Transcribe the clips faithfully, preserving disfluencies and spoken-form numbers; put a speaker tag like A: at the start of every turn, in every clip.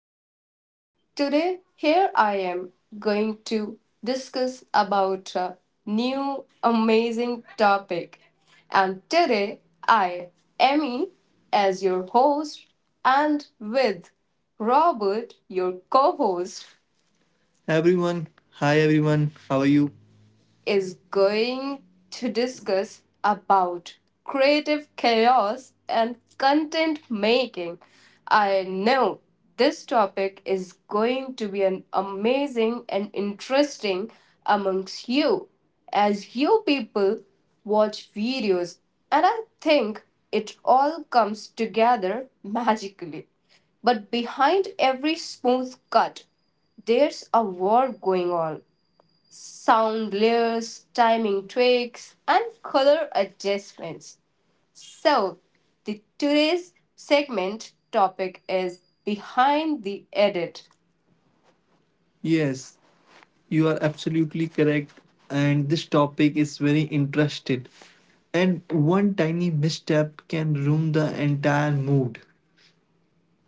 A: morning. Today, here I am going to discuss about a new amazing topic. And today, I, Emmy, as your host, and with Robert, your co host. Everyone, hi everyone, how are you? Is going to discuss about creative chaos and content making. I know this topic is going to be an amazing and interesting amongst you as you people watch videos and I think it all comes together magically. But behind every smooth cut, there's a war going on sound layers, timing tricks, and color adjustments. So, the today's segment topic is behind the edit. Yes, you are absolutely correct. And this topic is very interested. And one tiny misstep can ruin the entire mood.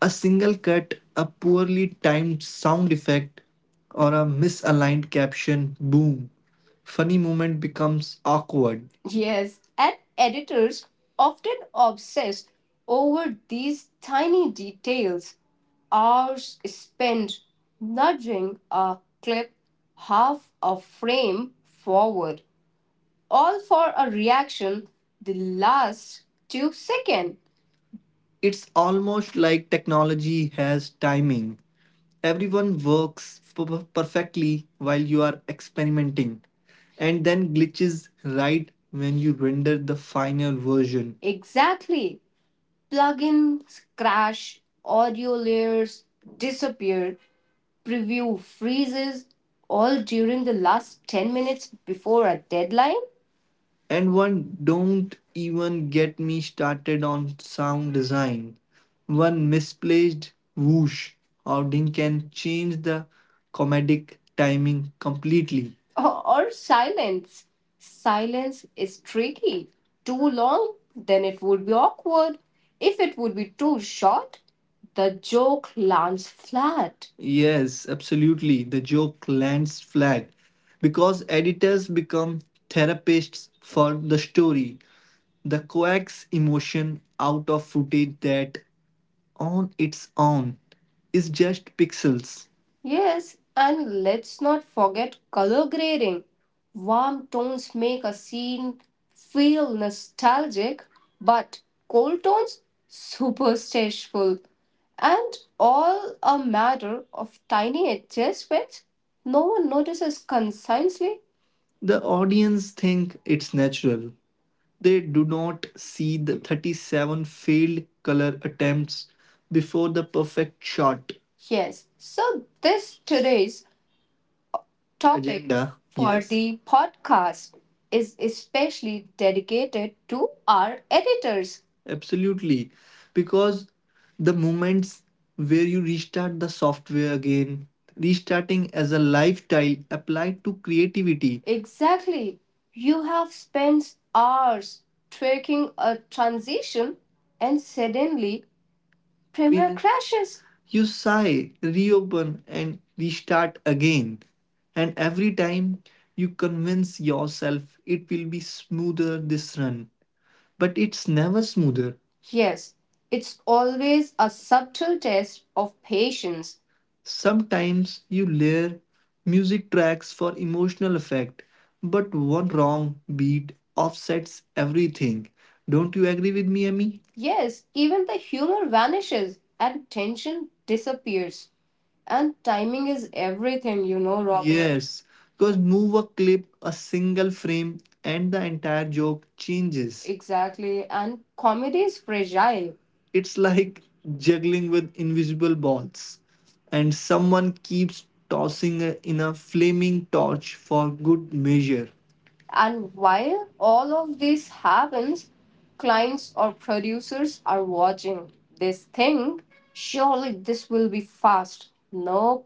A: A single cut, a poorly timed sound effect, or a misaligned caption boom. Funny moment becomes awkward. Yes, and editors often obsess over these tiny details. Hours spent nudging a clip half a frame forward, all for a reaction the last two seconds. It's almost like technology has timing. Everyone works per- perfectly while you are experimenting, and then glitches right when you render the final version. Exactly. Plugins crash, audio layers disappear, preview freezes, all during the last ten minutes before a deadline. And one don't even get me started on sound design. One misplaced whoosh outing can change the comedic timing completely. Or, or silence. Silence is tricky. Too long, then it would be awkward. If it would be too short, the joke lands flat. Yes, absolutely. The joke lands flat because editors become therapists for the story. The coax emotion out of footage that on its own is just pixels. Yes, and let's not forget color grading. Warm tones make a scene feel nostalgic, but cold tones superstitious. And all a matter of tiny adjustments no one notices consciously. The audience think it's natural, they do not see the thirty-seven failed color attempts before the perfect shot. Yes, so this today's topic agenda for, yes, the podcast is especially dedicated to our editors. Absolutely. Because the moments where you restart the software again, restarting as a lifestyle applied to creativity. Exactly. You have spent hours tweaking a transition and suddenly Premiere crashes. You sigh, reopen, and restart again. And every time you convince yourself it will be smoother this run but it's never smoother. Yes, it's always a subtle test of patience. Sometimes you layer music tracks for emotional effect, but one wrong beat offsets everything. Don't you agree with me, Emmy? Yes, even the humor vanishes and tension disappears. And timing is everything, you know, Robert. Yes, because move a clip, a single frame, and the entire joke changes. Exactly. And comedy is fragile. It's like juggling with invisible balls, and someone keeps tossing in a flaming torch for good measure. And while all of this happens, clients or producers are watching. They think, surely this will be fast. No,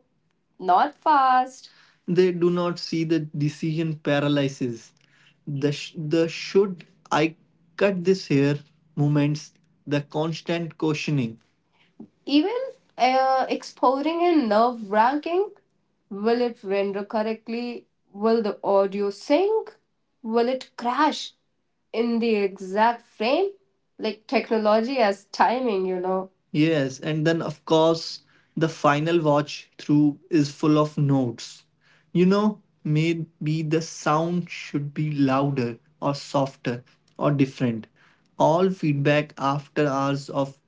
A: not fast. They do not see the decision paralysis. The, sh- the should I cut this hair? Moments, the constant questioning. Even uh, exploring and nerve wracking. Will it render correctly? Will the audio sync? Will it crash in the exact frame? Like technology as timing, you know. Yes, and then of course, the final watch through is full of notes. You know, maybe the sound should be louder or softer or different. All feedback after hours of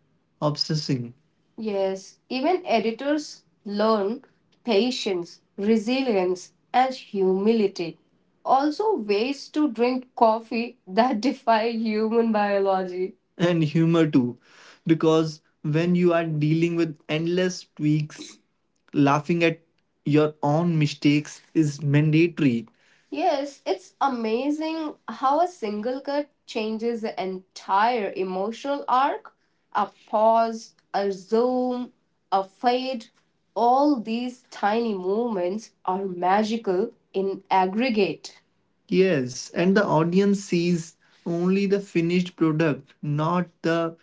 A: obsessing. Yes, even editors learn patience, resilience, and humility. Also, ways to drink coffee that defy human biology. And humor too because when you are dealing with endless tweaks laughing at your own mistakes is mandatory. Yes, it's amazing how a single cut changes the entire emotional arc. A pause, a zoom, a fade, all these tiny movements are magical in aggregate. Yes, and the audience sees only the finished product, not the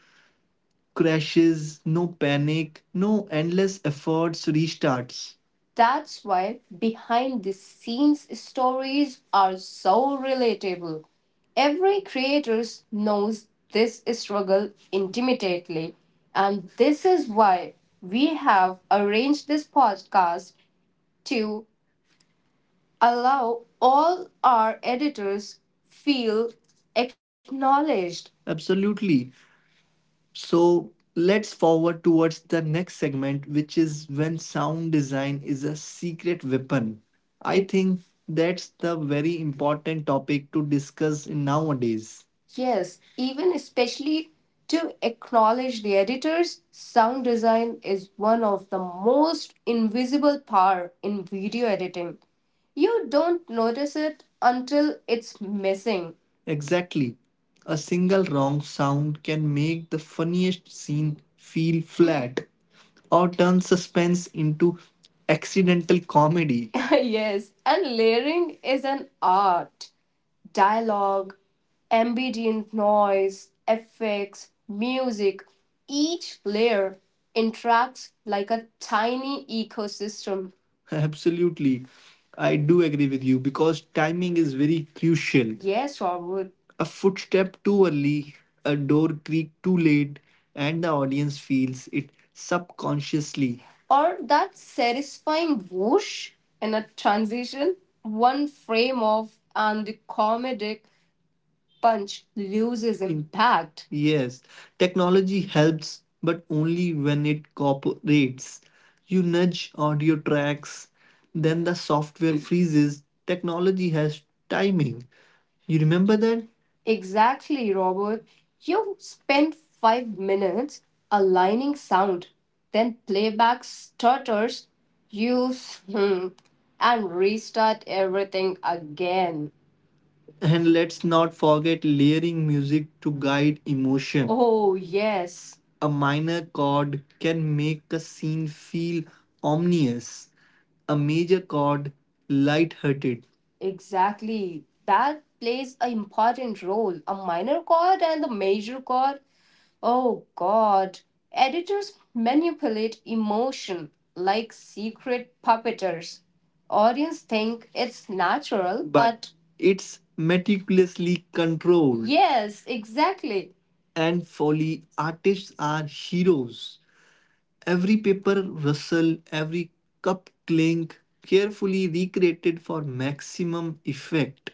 A: crashes, no panic, no endless efforts, restarts. That's why behind the scenes stories are so relatable. Every creator knows this struggle intimately, and this is why we have arranged this podcast to allow all our editors feel acknowledged. Absolutely. So let's forward towards the next segment, which is when sound design is a secret weapon. I think that's the very important topic to discuss in nowadays. Yes, even especially to acknowledge the editors, sound design is one of the most invisible power in video editing. You don't notice it until it's missing. Exactly. A single wrong sound can make the funniest scene feel flat or turn suspense into accidental comedy. Yes, and layering is an art. Dialogue, ambient noise, effects, music, each layer interacts like a tiny ecosystem. Absolutely. I do agree with you because timing is very crucial. Yes, Robert. A footstep too early, a door creak too late, and the audience feels it subconsciously. Or that satisfying whoosh in a transition, one frame off, and the comedic punch loses impact. Yes, technology helps, but only when it cooperates. You nudge audio tracks, then the software freezes. Technology has timing. You remember that? Exactly, Robert. You spend five minutes aligning sound, then playback stutters, use hmm, and restart everything again. And let's not forget layering music to guide emotion. Oh, yes. A minor chord can make a scene feel ominous, a major chord lighthearted. Exactly. That plays an important role. A minor chord and the major chord. Oh god. Editors manipulate emotion like secret puppeters. Audience think it's natural, but but it's meticulously controlled, yes, exactly. And folly artists are heroes. Every paper rustle, every cup clink, carefully recreated for maximum effect.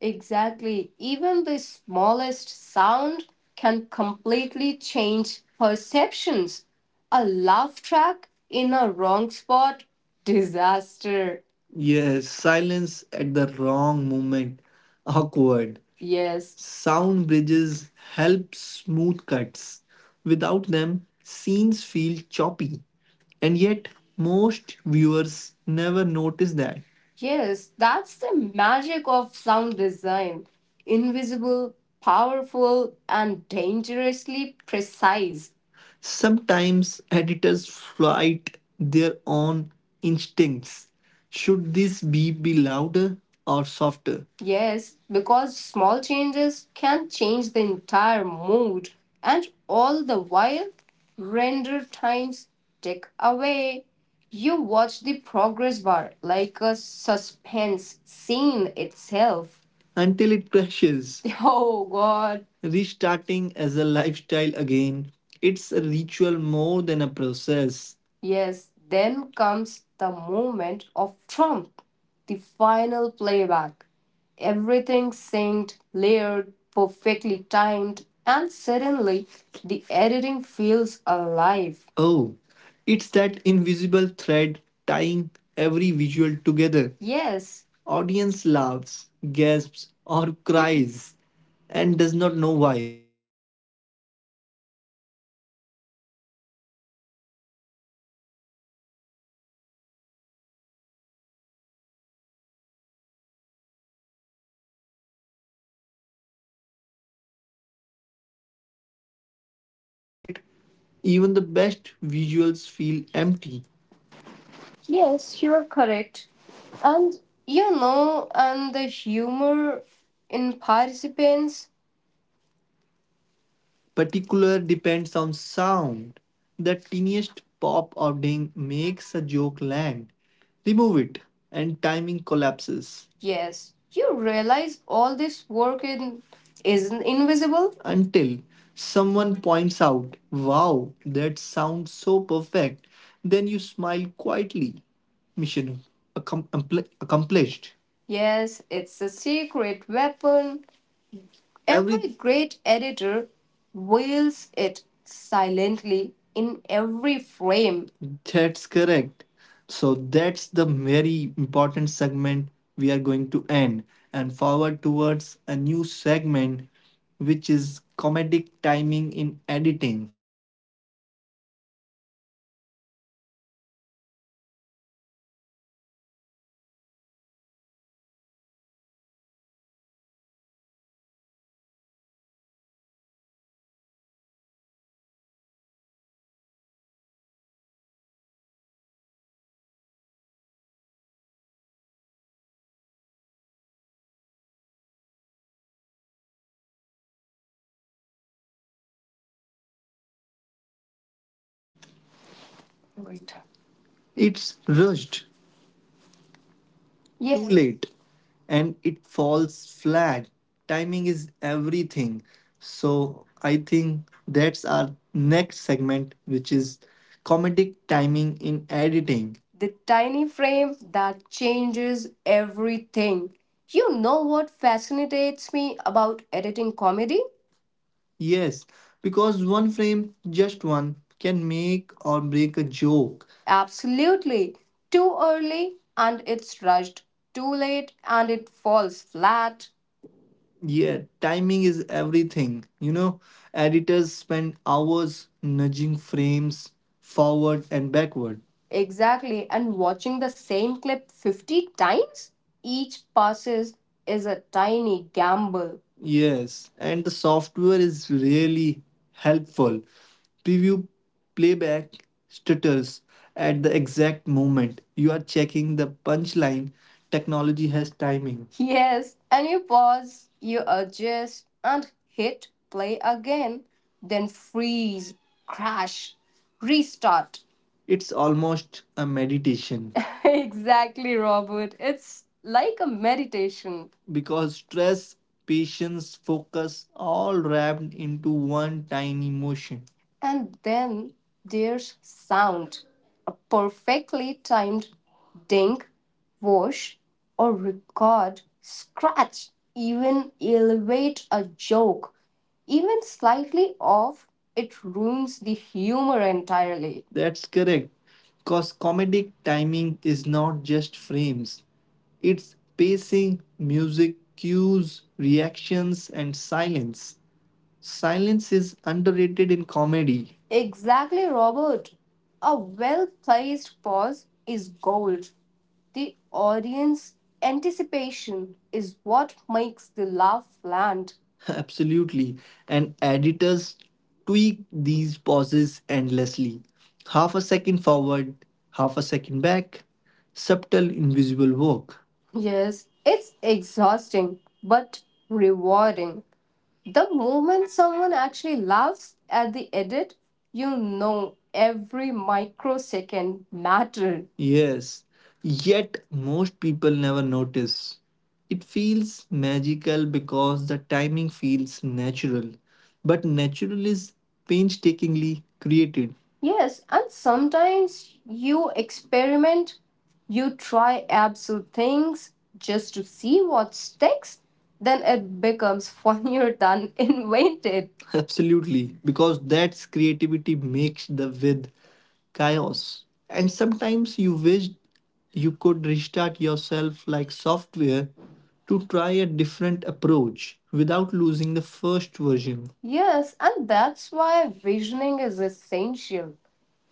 A: Exactly. Even the smallest sound can completely change perceptions. A laugh track in a wrong spot, disaster. Yes, silence at the wrong moment, awkward. Yes. Sound bridges help smooth cuts. Without them, scenes feel choppy. And yet, most viewers never notice that. Yes, that's the magic of sound design. Invisible, powerful, and dangerously precise. Sometimes editors fight their own instincts. Should this beep be louder or softer? Yes, because small changes can change the entire mood and all the while render times tick away. You watch the progress bar like a suspense scene itself. Until it crashes. Oh god. Restarting as a lifestyle again, it's a ritual more than a process. Yes, then comes the moment of Trump, the final playback. Everything synced, layered, perfectly timed, and suddenly the editing feels alive. Oh, it's that invisible thread tying every visual together. Yes, audience laughs, gasps, or cries and does not know why.
B: Even the best visuals feel empty. Yes, you are correct. And you know, and the humor in participants particular depends on sound. The tiniest pop or ding makes a joke land. Remove it, and timing collapses. Yes, you realize all this work in isn't invisible? Until someone points out, wow, that sounds so perfect. Then you smile quietly. Mission accom- accompli- accomplished. Yes, it's a secret weapon. Every Every great editor wails it silently in every frame. That's correct. So that's the very important segment we are going to end and forward towards a new segment, which is comedic timing in editing. The tiny frame that changes everything, because you know that fascinates me about editing comedy. One frame, just one. You can make or break a joke. Absolutely. Too early. Now, new segment pick continue current reconnecting on. It's rushed. ये क्या हो गया? Right. It's rushed. Yes. Too late, and it falls flat. Timing is everything. So I think that's our next segment, which is comedic timing in editing. The tiny frame that changes everything. You know what fascinates me about editing comedy? Yes, because one frame, just one, can make or break a joke. Absolutely. Too early and it's rushed. Too late and it falls flat. Yeah, timing is everything. You know, editors spend hours nudging frames forward and backward. Exactly. And watching the same clip fifty times, each passes is a tiny gamble. Yes, and the software is really helpful. Preview playback stutters at the exact moment you are checking the punchline. Technology has timing. Yes, and you pause, you adjust, and hit play again, then freeze, crash, restart. It's almost a meditation. Exactly, Robert. It's like a meditation because stress, patience, focus, all wrapped into one tiny motion. And then there's sound. A perfectly timed ding, wash, or record scratch, even elevate a joke. Even slightly off, it ruins the humor entirely. That's correct. Because comedic timing is not just frames, its pacing, music cues, reactions, and silence. Silence is underrated in comedy. Exactly, Robert. A well placed pause is gold. The audience anticipation is what makes the laugh land. Absolutely. And editors tweak these pauses endlessly. Half a second forward, half a second back. Subtle, invisible work. Yes, it's exhausting but rewarding. The moment someone actually laughs at the edit, you know every microsecond mattered. Yes, yet most people never notice. It feels magical because the timing feels natural, but natural is painstakingly created. Yes, and sometimes you experiment, you try absurd things just to see what sticks, then it becomes funnier than invented. Absolutely, because that's creativity makes the with chaos. And sometimes you wish you could restart yourself like software to try a different approach without losing the first version. Yes, and that's why visioning is essential.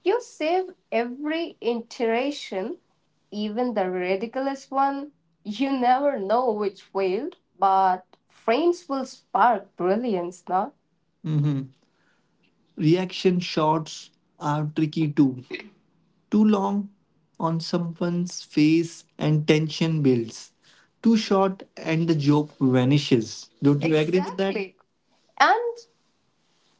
B: You save every iteration, even the ridiculous one. You never know which failed, but frames will spark brilliance, now. Reaction shots are tricky too. Too long on someone's face and tension builds. Too short and the joke vanishes. Don't you agree with that? Exactly. And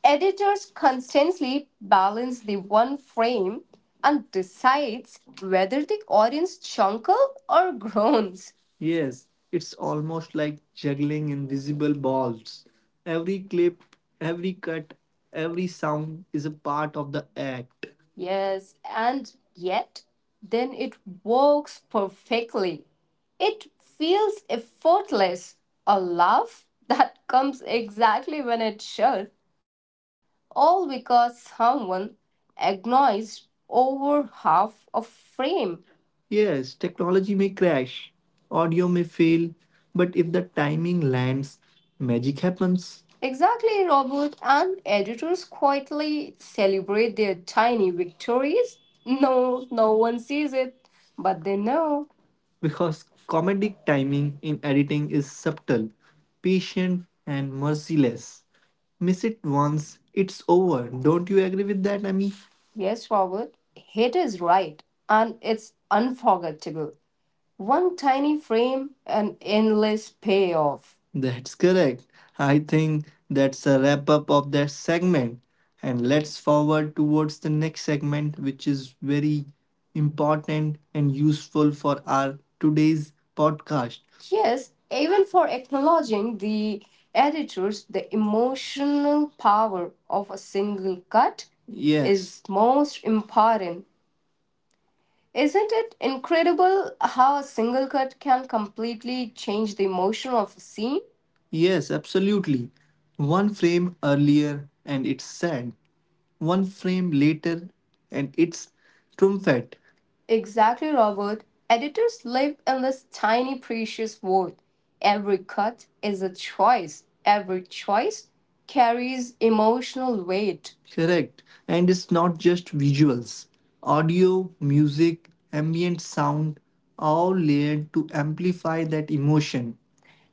B: editors constantly balance the one frame and decides whether the audience chuckles or groans. Yes, it's almost like juggling invisible balls. Every clip, every cut, every sound is a part of the act. Yes, and yet then it works perfectly. It feels effortless, a laugh that comes exactly when it should, all because someone agonized over half a frame. Yes, technology may crash, audio may fail, but if the timing lands, magic happens. Exactly, Robert, and editors quietly celebrate their tiny victories. No, no one sees it, but they know. Because comedic timing in editing is subtle, patient, and merciless. Miss it once, it's over. Don't you agree with that, Amy? Yes, Robert, hate is right and it's unforgettable. One tiny frame, an endless payoff. That's correct. I think that's a wrap up of that segment. And let's forward towards the next segment, which is very important and useful for our today's podcast. Yes, even for acknowledging the editors, the emotional power of a single cut. Yes. Is most important. Isn't it incredible how a single cut can completely change the emotion of a scene? Yes, absolutely. One frame earlier and it's sad, one frame later and it's triumphant. Exactly, Robert. Editors live in this tiny, precious world. Every cut is a choice, every choice carries emotional weight. Correct. And it's not just visuals. Audio, music, ambient sound, all layered to amplify that emotion.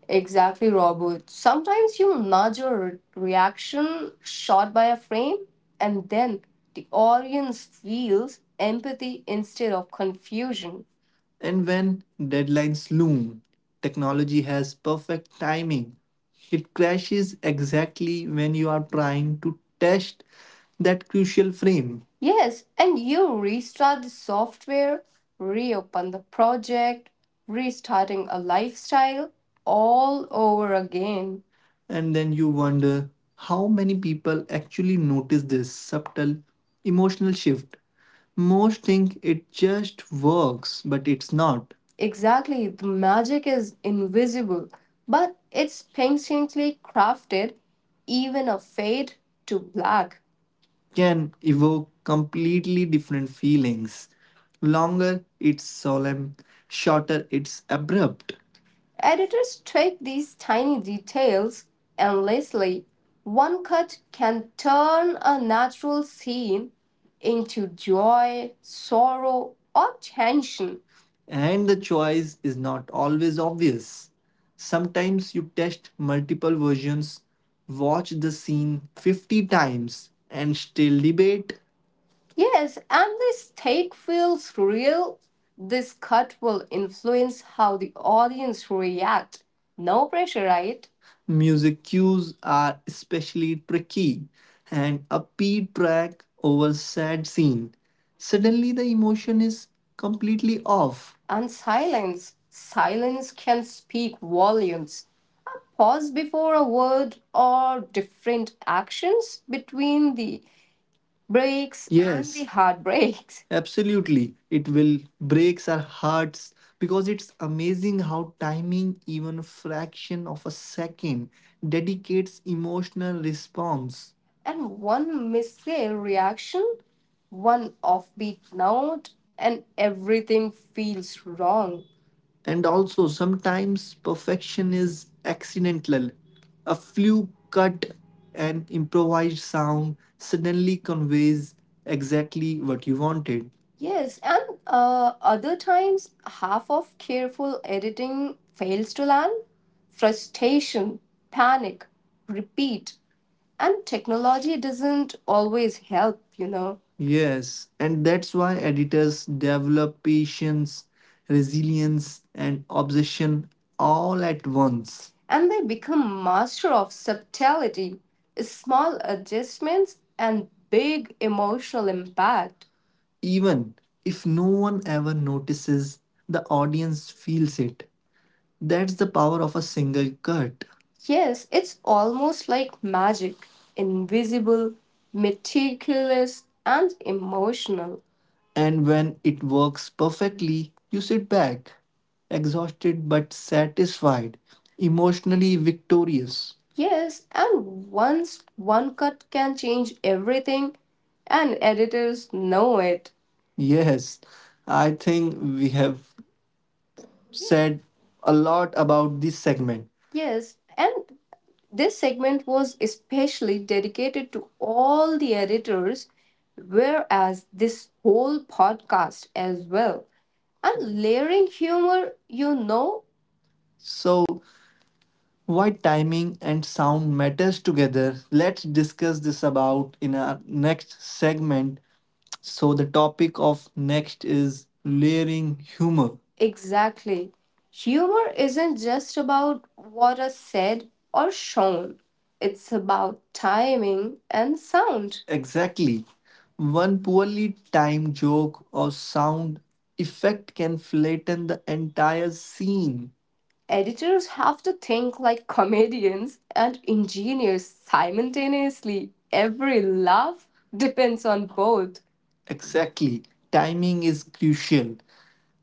B: Exactly, Robert. Sometimes you nudge your re- reaction shot by a frame, and then the audience feels empathy instead of confusion. And when deadlines loom, technology has perfect timing. It crashes exactly when you are trying to test that crucial frame. Yes, and you restart the software, reopen the project, restarting a lifestyle all over again. And then you wonder how many people actually notice this subtle emotional shift. Most think it just works, but it's not. Exactly, the magic is invisible, but it's patiently crafted. Even a fade to black can evoke completely different feelings. Longer, it's solemn, shorter, it's abrupt. Editors tweak these tiny details endlessly. One cut can turn a natural scene into joy, sorrow, or tension. And the choice is not always obvious. Sometimes you test multiple versions, watch the scene fifty times, and still debate. Yes, and this take feels real. This cut will influence how the audience react. No pressure, right? Music cues are especially tricky. An upbeat track over sad scene. Suddenly the emotion is completely off. And silence. Silence can speak volumes. A pause before a word or different actions between the breaks and the, yes, heart breaks. Absolutely. It will breaks our hearts because it's amazing how timing, even a fraction of a second, dedicates emotional response. And one missile reaction, one offbeat note, and everything feels wrong. And also, sometimes perfection is accidental. A fluke cut, an improvised sound suddenly conveys exactly what you wanted. Yes, and uh, other times, half of careful editing fails to land. Frustration, panic, repeat, and technology doesn't always help, you know. Yes, and that's why editors develop patience, resilience, and obsession all at once. And they become master of subtlety, small adjustments, and big emotional impact. Even if no one ever notices, the audience feels it. That's the power of a single cut. Yes, it's almost like magic. Invisible, meticulous, and emotional. And when it works perfectly, you sit back, exhausted but satisfied, emotionally victorious. Yes, and once one cut can change everything, and editors know it. Yes, I think we have said a lot about this segment. Yes, and this segment was especially dedicated to all the editors, whereas this whole podcast as well. And layering humor, you know. So, why timing and sound matters together? Let's discuss this about in our next segment, so the topic of next is layering humor. Exactly. Humor isn't just about what is said or shown, it's about timing and sound. Exactly. One poorly timed joke or sound effect can flatten the entire scene. Editors have to think like comedians and engineers simultaneously. Every laugh depends on both. Exactly. Timing is crucial.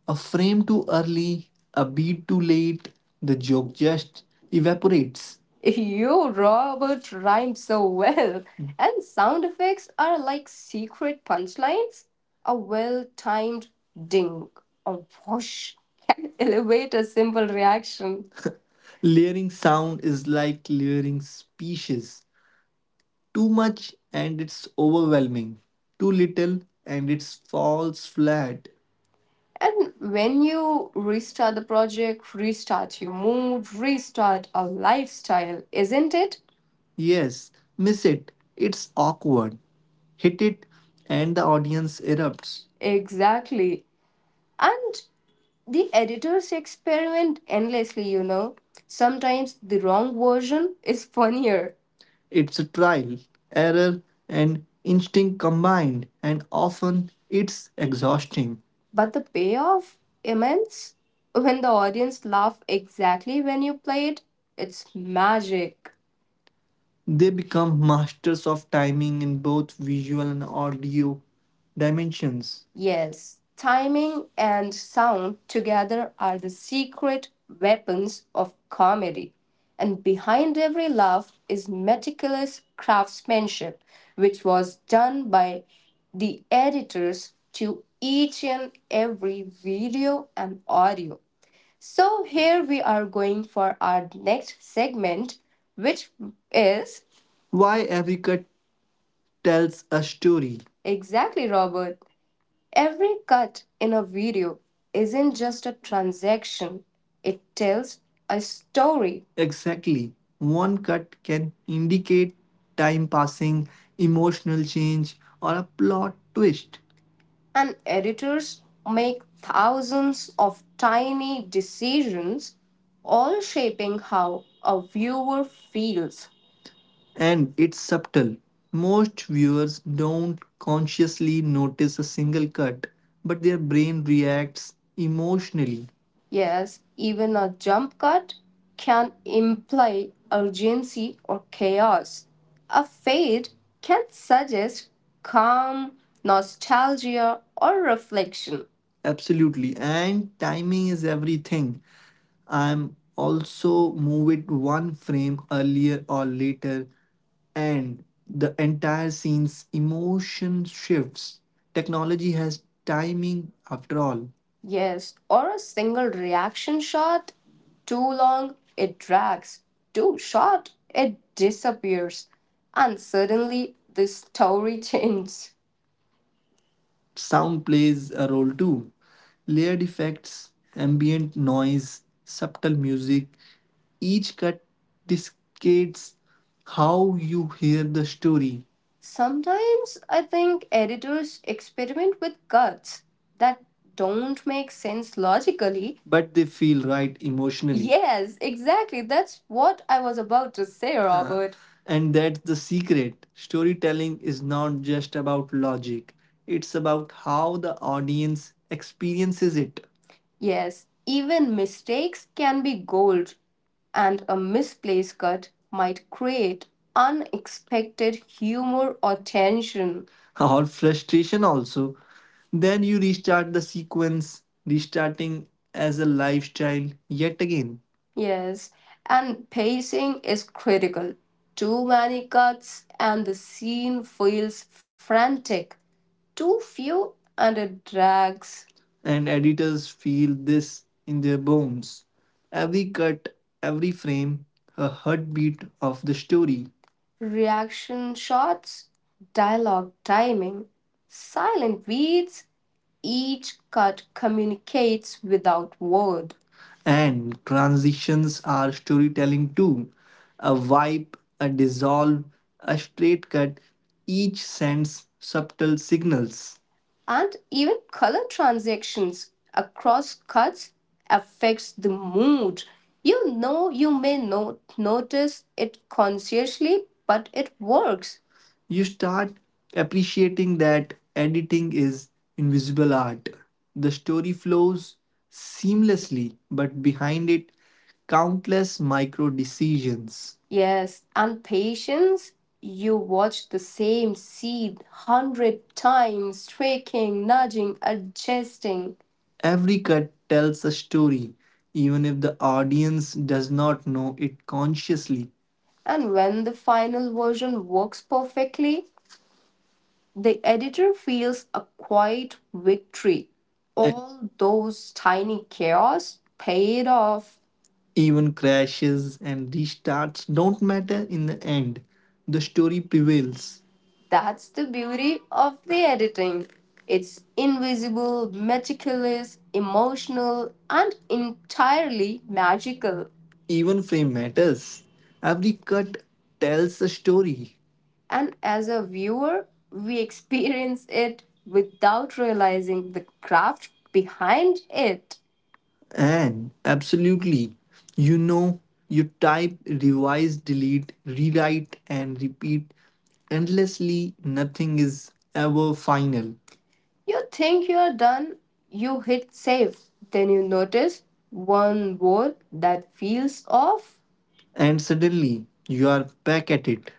B: A frame too early, a beat too late, the joke just evaporates. You, Robert, rhyme so well. And sound effects are like secret punchlines. A well timed ding or whoosh can elevate a simple reaction. Layering sound is like layering species. Too much and it's overwhelming. Too little and it falls flat. And when you restart the project, restart your mood, restart a lifestyle, isn't it? Yes, miss it. It's awkward. Hit it and the audience erupts. Exactly. And the editors experiment endlessly, you know. Sometimes the wrong version is funnier. It's a trial, error, and instinct combined, and often it's exhausting. But the payoff? Immense? When the audience laugh exactly when you play it, it's magic. They become masters of timing in both visual and audio dimensions. Yes, timing and sound together are the secret weapons of comedy. And behind every laugh is meticulous craftsmanship, which was done by the editors to each and every video and audio. So, here we are going for our next segment, which is why every cut tells a story. Exactly, Robert. Every cut in a video isn't just a transaction, it tells a story. Exactly. One cut can indicate time passing, emotional change, or a plot twist, and editors make thousands of tiny decisions, all shaping how a viewer feels. And it's subtle. Most viewers don't consciously notice a single cut, but their brain reacts emotionally. Yes, even a jump cut can imply urgency or chaos. A fade can suggest calm, nostalgia, or reflection. Absolutely. And timing is everything. I'm also move it one frame earlier or later and the entire scene's emotion shifts. Technology has timing after all. Yes, or a single reaction shot. Too long, it drags. Too short, it disappears. And suddenly, the story changes. Sound plays a role too. Layered effects, ambient noise, subtle music, each cut dictates how you hear the story. Sometimes I think editors experiment with cuts that don't make sense logically, but they feel right emotionally. Yes, exactly. That's what I was about to say, Robert. Uh, And that's the secret. Storytelling is not just about logic, it's about how the audience experiences it. Yes, even mistakes can be gold, and a misplaced cut might create unexpected humor or tension or frustration. Also, then you restart the sequence, restarting as a live child yet again. Yes, and pacing is critical. Too many cuts and the scene feels frantic. Too few and it drags. And editors feel this in their bones. Every cut, every frame, a heartbeat of the story. Reaction shots, dialogue timing, silent beats, each cut communicates without word. And transitions are storytelling too. A wipe, a dissolve, a straight cut, each sends subtle signals. And even color transactions across cuts affects the mood. You know, you may not notice it consciously, but it works. You start appreciating that editing is invisible art. The story flows seamlessly, but behind it, countless micro decisions. Yes, and patience. You watch the same scene hundred times, tweaking, nudging, adjusting. Every cut tells a story, even if the audience does not know it consciously. And when the final version works perfectly, the editor feels a quiet victory. All those tiny chaos paid off. Even crashes and restarts don't matter in the end. The story prevails. That's the beauty of the editing. It's invisible, meticulous, emotional, and entirely magical. Even frame matters. Every cut tells a story. And as a viewer, we experience it without realizing the craft behind it. And absolutely, you know, you type, revise, delete, rewrite, and repeat endlessly. Nothing is ever final. You think you're done, you hit save, then you notice one word that feels off. And suddenly, you are back at it.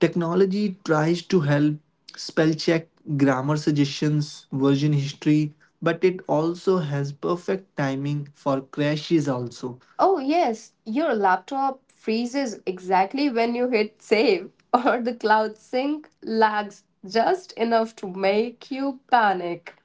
B: Technology tries to help: spell check, grammar suggestions, version history, but it also has perfect timing for crashes also. Oh, yes, your laptop freezes exactly when you hit save, or the cloud sync lags just enough to make you panic.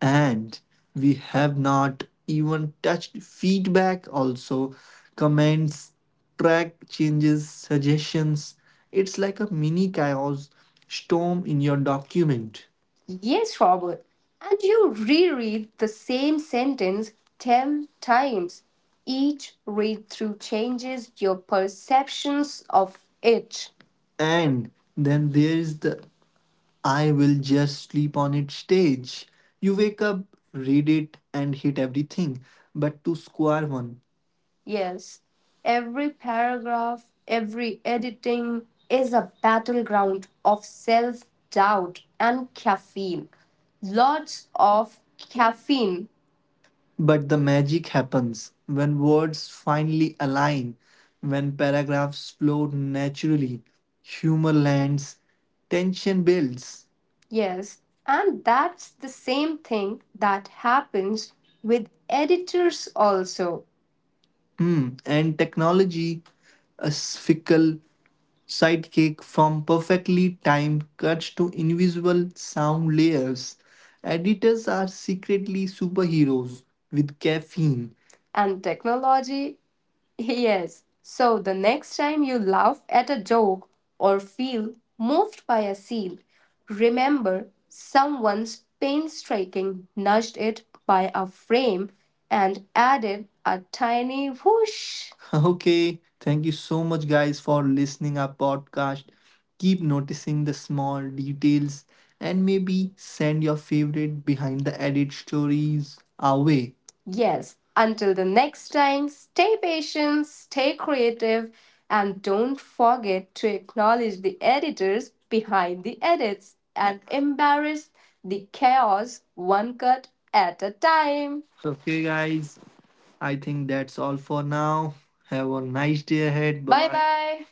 B: And we have not even touched feedback also, comments, track changes, suggestions. It's like a mini chaos storm in your document. Yes, Robert. And you reread the same sentence ten times. Each read through changes your perceptions of it. And then there is the "I will just sleep on its stage. You wake up, read it, and hit everything, but to square one. Yes, every paragraph, every editing is a battleground of self doubt and caffeine. Lots of caffeine. But the magic happens when words finally align, when paragraphs flow naturally, humor lands, tension builds. Yes, and that's the same thing that happens with editors also. Hmm. And technology is fickle sidekick, from perfectly timed cuts to invisible sound layers. Editors are secretly superheroes with caffeine and technology. Yes. So the next time you laugh at a joke or feel moved by a scene, remember someone's painstaking nudged it by a frame and added a tiny whoosh. Okay, thank you so much guys for listening our podcast. Keep noticing the small details and maybe send your favorite behind the edit stories our way. Yes, until the next time, stay patient, stay creative, and don't forget to acknowledge the editors behind the edits and embrace the chaos one cut at a time. Okay, guys, I think that's all for now. Have a nice day ahead. Bye bye. Bye.